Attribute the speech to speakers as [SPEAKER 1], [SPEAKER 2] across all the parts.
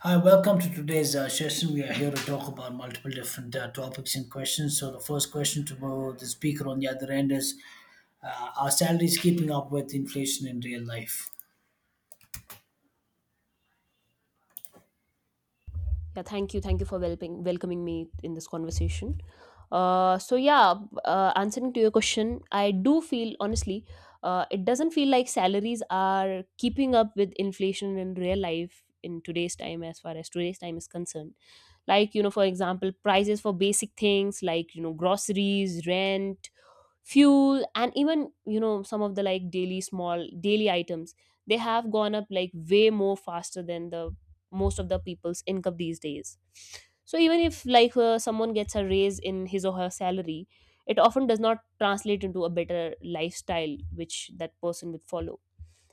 [SPEAKER 1] Hi, welcome to today's session. We are here to talk about multiple different topics and questions. So, the first question to the speaker on the other end is are salaries keeping up with inflation in real life?
[SPEAKER 2] Yeah, thank you. Thank you for welcoming me in this conversation. Uh, so yeah, Answering to your question, I do feel honestly, it doesn't feel like salaries are keeping up with inflation in real life in today's time, as far as today's time is concerned. Like you know, for example, prices for basic things like you know groceries, rent, fuel and even you know some of the like daily small daily items, they have gone up like way more faster than the most of the people's income these days. So even if like someone gets a raise in his or her salary, it often does not translate into a better lifestyle which that person would follow.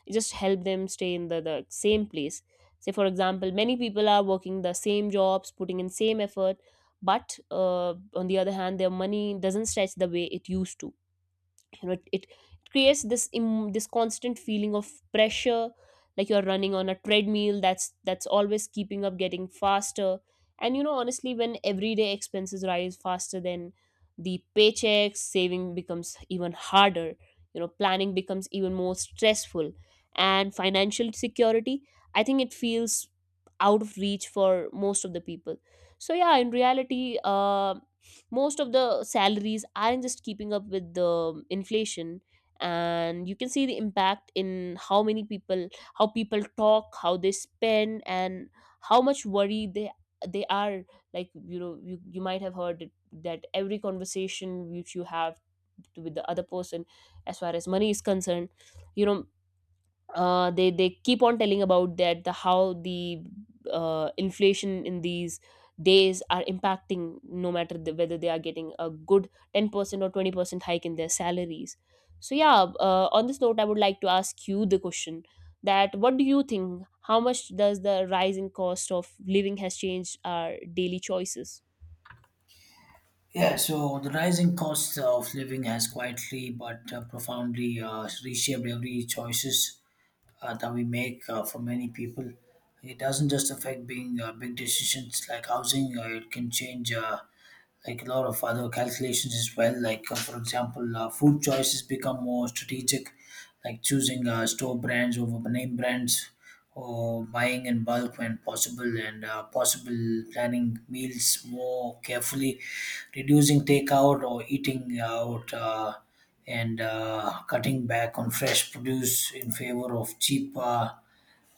[SPEAKER 2] It just help them stay in the same place. Say for example, many people are working the same jobs putting in same effort, but on the other hand their money doesn't stretch the way it used to. You know it creates this this constant feeling of pressure, like you're running on a treadmill that's always keeping up getting faster. And you know honestly, when everyday expenses rise faster than the paychecks, saving becomes even harder. You know, planning becomes even more stressful and financial security, I think it feels out of reach for most of the people. So yeah, in reality, most of the salaries aren't just keeping up with the inflation, and you can see the impact in how many people, how people talk, how they spend and how much worry they are. Like you know, you might have heard it, that every conversation which you have with the other person as far as money is concerned, you know, they keep on telling about that the how the inflation in these days are impacting no matter whether they are getting a good 10% or 20% hike in their salaries. So yeah, on this note I would like to ask you the question that, what do you think, how much does the rising cost of living has changed our daily choices?
[SPEAKER 1] Yeah, so the rising cost of living has quietly but profoundly reshaped every choices that we make for many people. It doesn't just affect being big decisions like housing; it can change. Like a lot of other calculations as well. Like for example, food choices become more strategic, like choosing store brands over name brands, or buying in bulk when possible, and possible planning meals more carefully, reducing takeout or eating out. And Cutting back on fresh produce in favor of cheap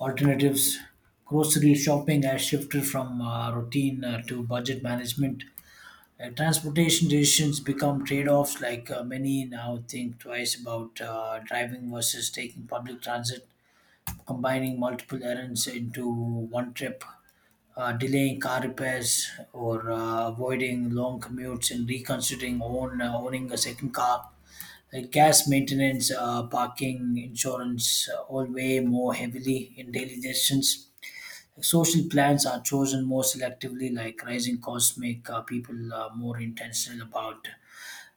[SPEAKER 1] alternatives. Grocery shopping has shifted from routine to budget management. Transportation decisions become trade-offs. Like many now think twice about driving versus taking public transit, combining multiple errands into one trip, delaying car repairs or avoiding long commutes, and reconsidering own owning a second car, like gas, maintenance, parking, insurance, all weigh more heavily in daily decisions. Like, social plans are chosen more selectively, like rising costs make people more intentional about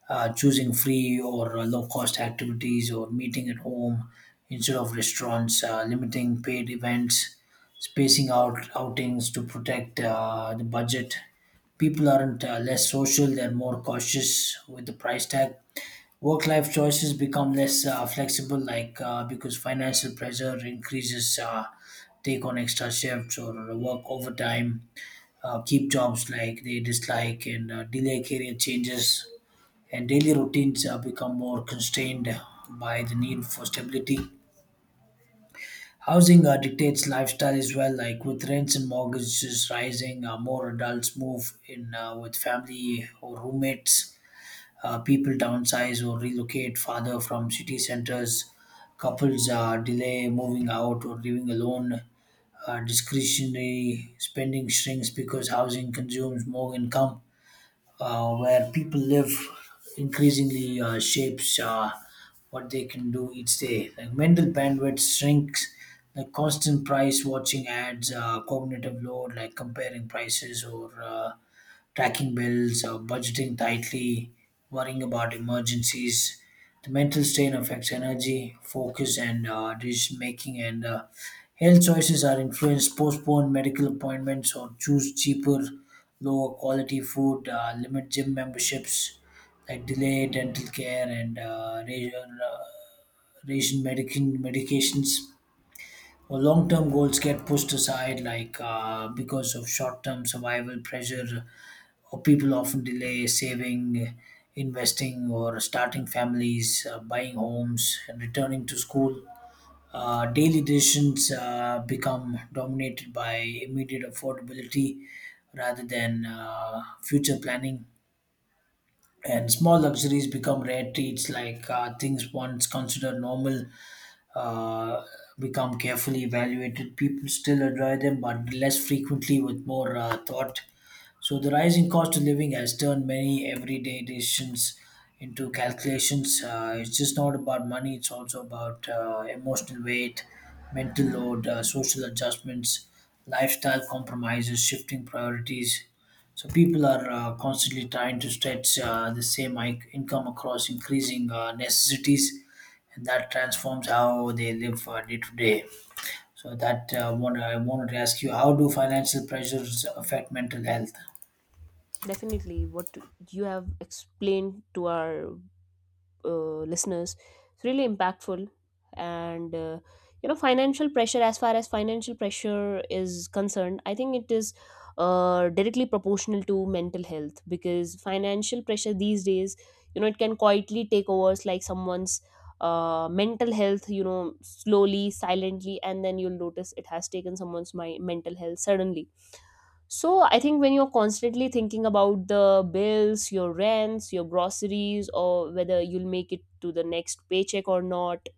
[SPEAKER 1] choosing free or low cost activities, or meeting at home instead of restaurants, limiting paid events, spacing out outings to protect the budget. People aren't less social, they're more cautious with the price tag. Work life choices become less flexible, like because financial pressure increases, take on extra shifts or work overtime, keep jobs like they dislike, and delay career changes, and daily routines become more constrained by the need for stability. Housing dictates lifestyle as well, like with rents and mortgages rising, more adults move in with family or roommates. People downsize or relocate farther from city centers. Couples delay moving out or living alone. Discretionary spending shrinks because housing consumes more income. Where people live increasingly shapes what they can do each day. Like mental bandwidth shrinks, like constant price watching ads, cognitive load, like comparing prices or tracking bills, budgeting tightly, worrying about emergencies. The mental strain affects energy, focus, and decision making. And health choices are influenced. Postpone medical appointments or choose cheaper, lower quality food. Limit gym memberships, like delay dental care, and ration medications, or long-term goals get pushed aside, like because of short-term survival pressure, or people often delay saving, investing, or starting families, buying homes, and returning to school. Daily decisions become dominated by immediate affordability rather than future planning, and small luxuries become rare treats, like things once considered normal uh, become carefully evaluated. People still enjoy them, but less frequently, with more thought. So the rising cost of living has turned many everyday decisions into calculations. It's just not about money; it's also about emotional weight, mental load, social adjustments, lifestyle compromises, shifting priorities. So people are constantly trying to stretch the same income across increasing necessities, and that transforms how they live day to day. So that one, I wanted to ask you: how do financial pressures affect mental health?
[SPEAKER 2] Definitely, what you have explained to our listeners, it's really impactful. And you know, financial pressure, as far as financial pressure is concerned, I think it is directly proportional to mental health. Because financial pressure these days, you know, it can quietly take over like someone's mental health, you know, slowly, silently, and then you'll notice it has taken someone's my mental health suddenly. So I think when you're constantly thinking about the bills, your rents, your groceries, or whether you'll make it to the next paycheck or not,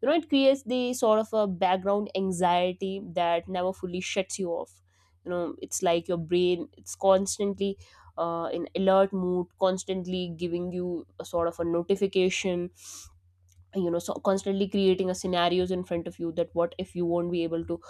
[SPEAKER 2] you know, it creates the sort of a background anxiety that never fully shuts you off. You know, it's like your brain, it's constantly in alert mood, constantly giving you a sort of a notification, you know, so constantly creating a scenarios in front of you that what if you won't be able to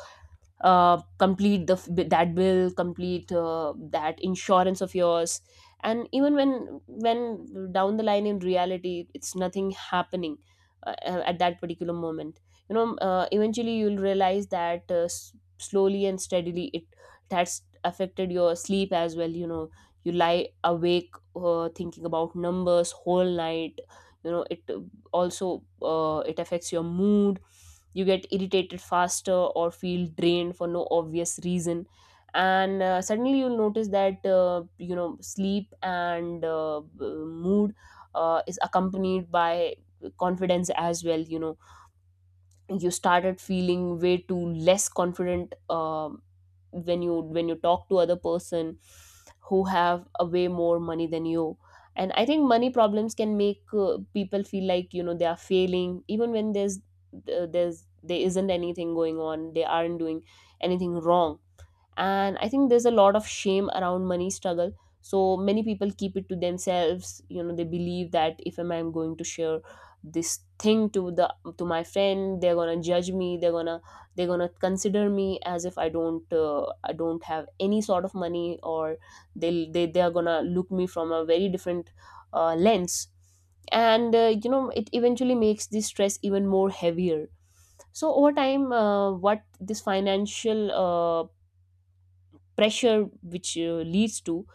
[SPEAKER 2] complete the that bill, complete that insurance of yours, and even when down the line in reality it's nothing happening at that particular moment. You know, eventually you'll realize that slowly and steadily it, that's affected your sleep as well. You know, you lie awake thinking about numbers whole night. You know, it affects your mood. You get irritated faster or feel drained for no obvious reason. And suddenly you'll notice that you know, sleep and mood is accompanied by confidence as well. You know, you started feeling way too less confident. Um, when you talk to other person who have a way more money than you. And I think money problems can make people feel like, you know, they are failing even when there's there isn't anything going on, they aren't doing anything wrong. And I think there's a lot of shame around money struggle, so many people keep it to themselves. You know, they believe that if am I'm going to share this thing to the to my friend, they're gonna judge me, they're gonna consider me as if I don't, I don't have any sort of money, or they are gonna look me from a very different lens. And you know, it eventually makes this stress even more heavier. So over time, what this financial pressure which leads to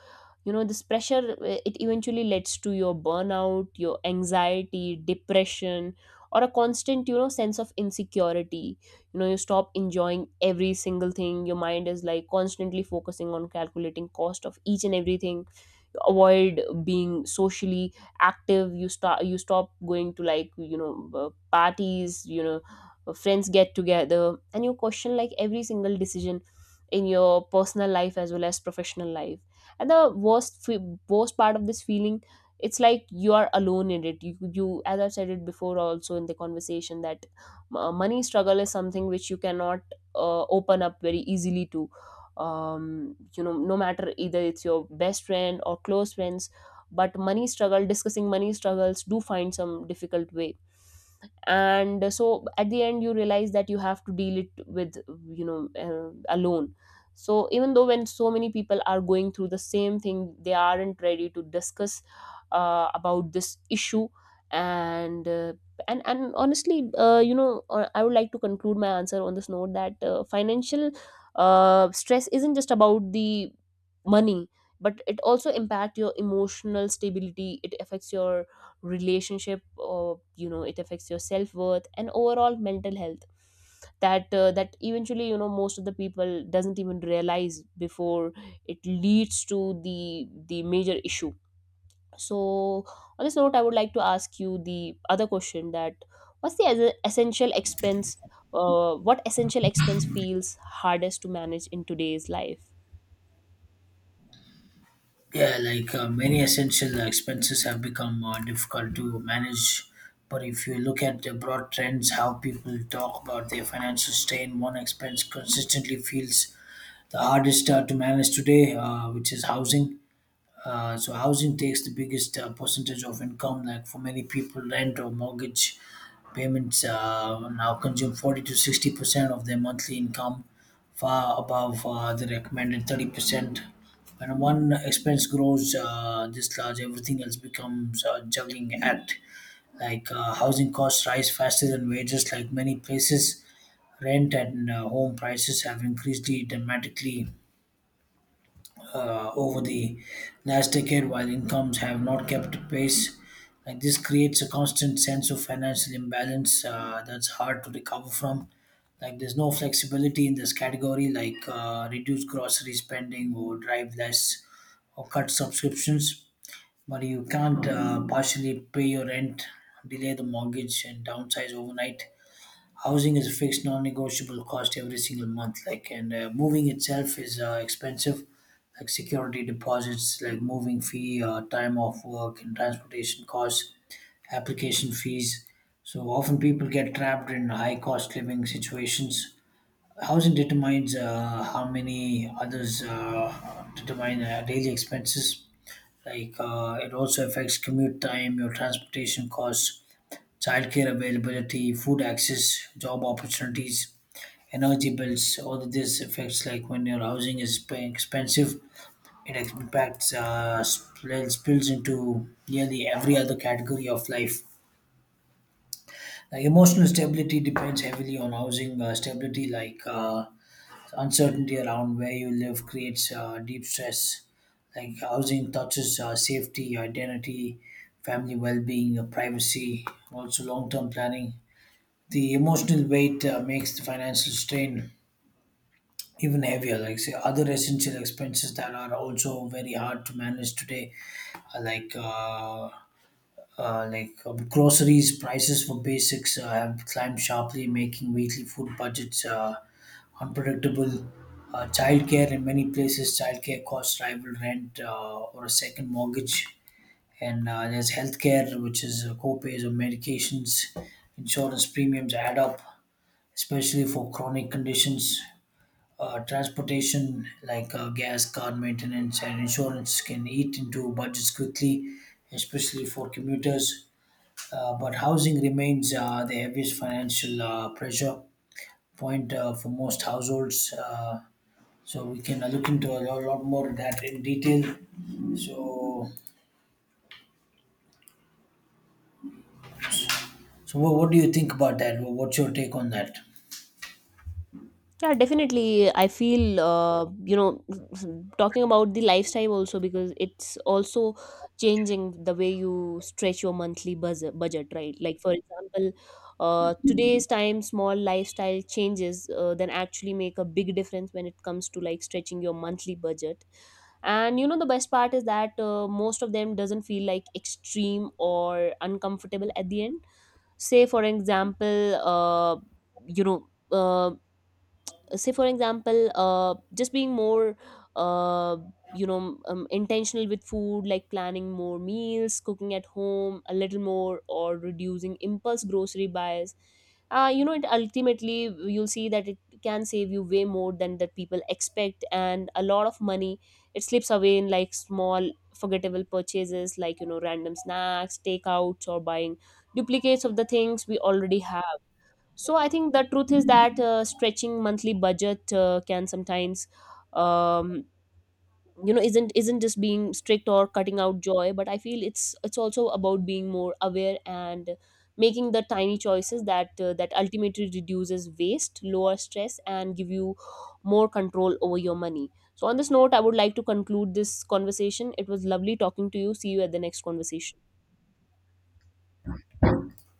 [SPEAKER 2] you know this pressure it eventually leads to your burnout, your anxiety, depression, or a constant, you know, sense of insecurity. You know, you stop enjoying every single thing, your mind is like constantly focusing on calculating cost of each and everything, avoid being socially active. You start, you stop going to, like you know, parties, you know, friends get together, and you question like every single decision in your personal life as well as professional life. And the worst part of this feeling, it's like you are alone in it. You, as I've said it before also in the conversation, that money struggle is something which you cannot open up very easily to. Um, you know, no matter either it's your best friend or close friends, but money struggle discussing money struggles do find some difficult way. And so at the end you realize that you have to deal it with, you know, alone. So even though when so many people are going through the same thing, they aren't ready to discuss about this issue. And honestly, I would like to conclude my answer on this note, that financial stress isn't just about the money, but it also impact your emotional stability, it affects your relationship, or you know, it affects your self-worth and overall mental health, that that eventually, you know, most of the people doesn't even realize before it leads to the major issue. So on this note, I would like to ask you the other question, that what's the essential expense, what essential expense feels hardest to manage in today's life?
[SPEAKER 1] Yeah, like many essential expenses have become difficult to manage. But if you look at the broad trends, how people talk about their financial strain, one expense consistently feels the hardest to manage today, which is housing. So housing takes the biggest percentage of income. Like for many people, rent or mortgage payments now consume 40 to 60 percent of their monthly income, far above the recommended 30 percent. When one expense grows this large, everything else becomes a juggling act. Like housing costs rise faster than wages. Like many places, rent and home prices have increased dramatically over the last decade, while incomes have not kept pace. Like this creates a constant sense of financial imbalance that's hard to recover from. Like there's no flexibility in this category, like reduce grocery spending or drive less or cut subscriptions. But you can't partially pay your rent, delay the mortgage, and downsize overnight. Housing is a fixed, non-negotiable cost every single month. Like, and moving itself is expensive, like security deposits, like moving fee, time off work, and transportation costs, application fees. So often people get trapped in high-cost living situations. Housing determines how many others determine daily expenses. Like, it also affects commute time, your transportation costs, childcare availability, food access, job opportunities, energy bills, all of these effects. Like when your housing is expensive, it impacts, spills into nearly every other category of life. Like emotional stability depends heavily on housing stability, like uncertainty around where you live creates deep stress. Like housing touches safety, identity, family well being, privacy, also long term planning. The emotional weight makes the financial strain even heavier. Like say other essential expenses that are also very hard to manage today, uh, like uh, groceries. Prices for basics have climbed sharply, making weekly food budgets unpredictable. Childcare: in many places, childcare costs rival rent or a second mortgage. And there's healthcare, which is co-pays or medications, insurance premiums add up, especially for chronic conditions. Transportation, like gas, car maintenance, and insurance, can eat into budgets quickly, especially for commuters. But housing remains the heaviest financial pressure point for most households. So we can look into a lot more of that in detail. So, what do you think about that? What's your take on that?
[SPEAKER 2] Yeah, definitely. I feel, you know, talking about the lifestyle also, because it's also changing the way you stretch your monthly budget, right? Like, for example, today's time, small lifestyle changes then actually make a big difference when it comes to like stretching your monthly budget. And you know, the best part is that most of them doesn't feel like extreme or uncomfortable at the end. Say, for example, you know, um, just being more uh, intentional with food, like planning more meals, cooking at home a little more, or reducing impulse grocery buys. You know, it ultimately, you'll see that it can save you way more than that people expect, and a lot of money, it slips away in like small forgettable purchases, like you know, random snacks, takeouts, or buying duplicates of the things we already have. So I think the truth is that, stretching monthly budget can sometimes, um, you know, isn't just being strict or cutting out joy, but I feel it's also about being more aware and making the tiny choices that that ultimately reduces waste, lower stress, and give you more control over your money. So on this note, I would like to conclude this conversation. It was lovely talking to you. See you at the next conversation.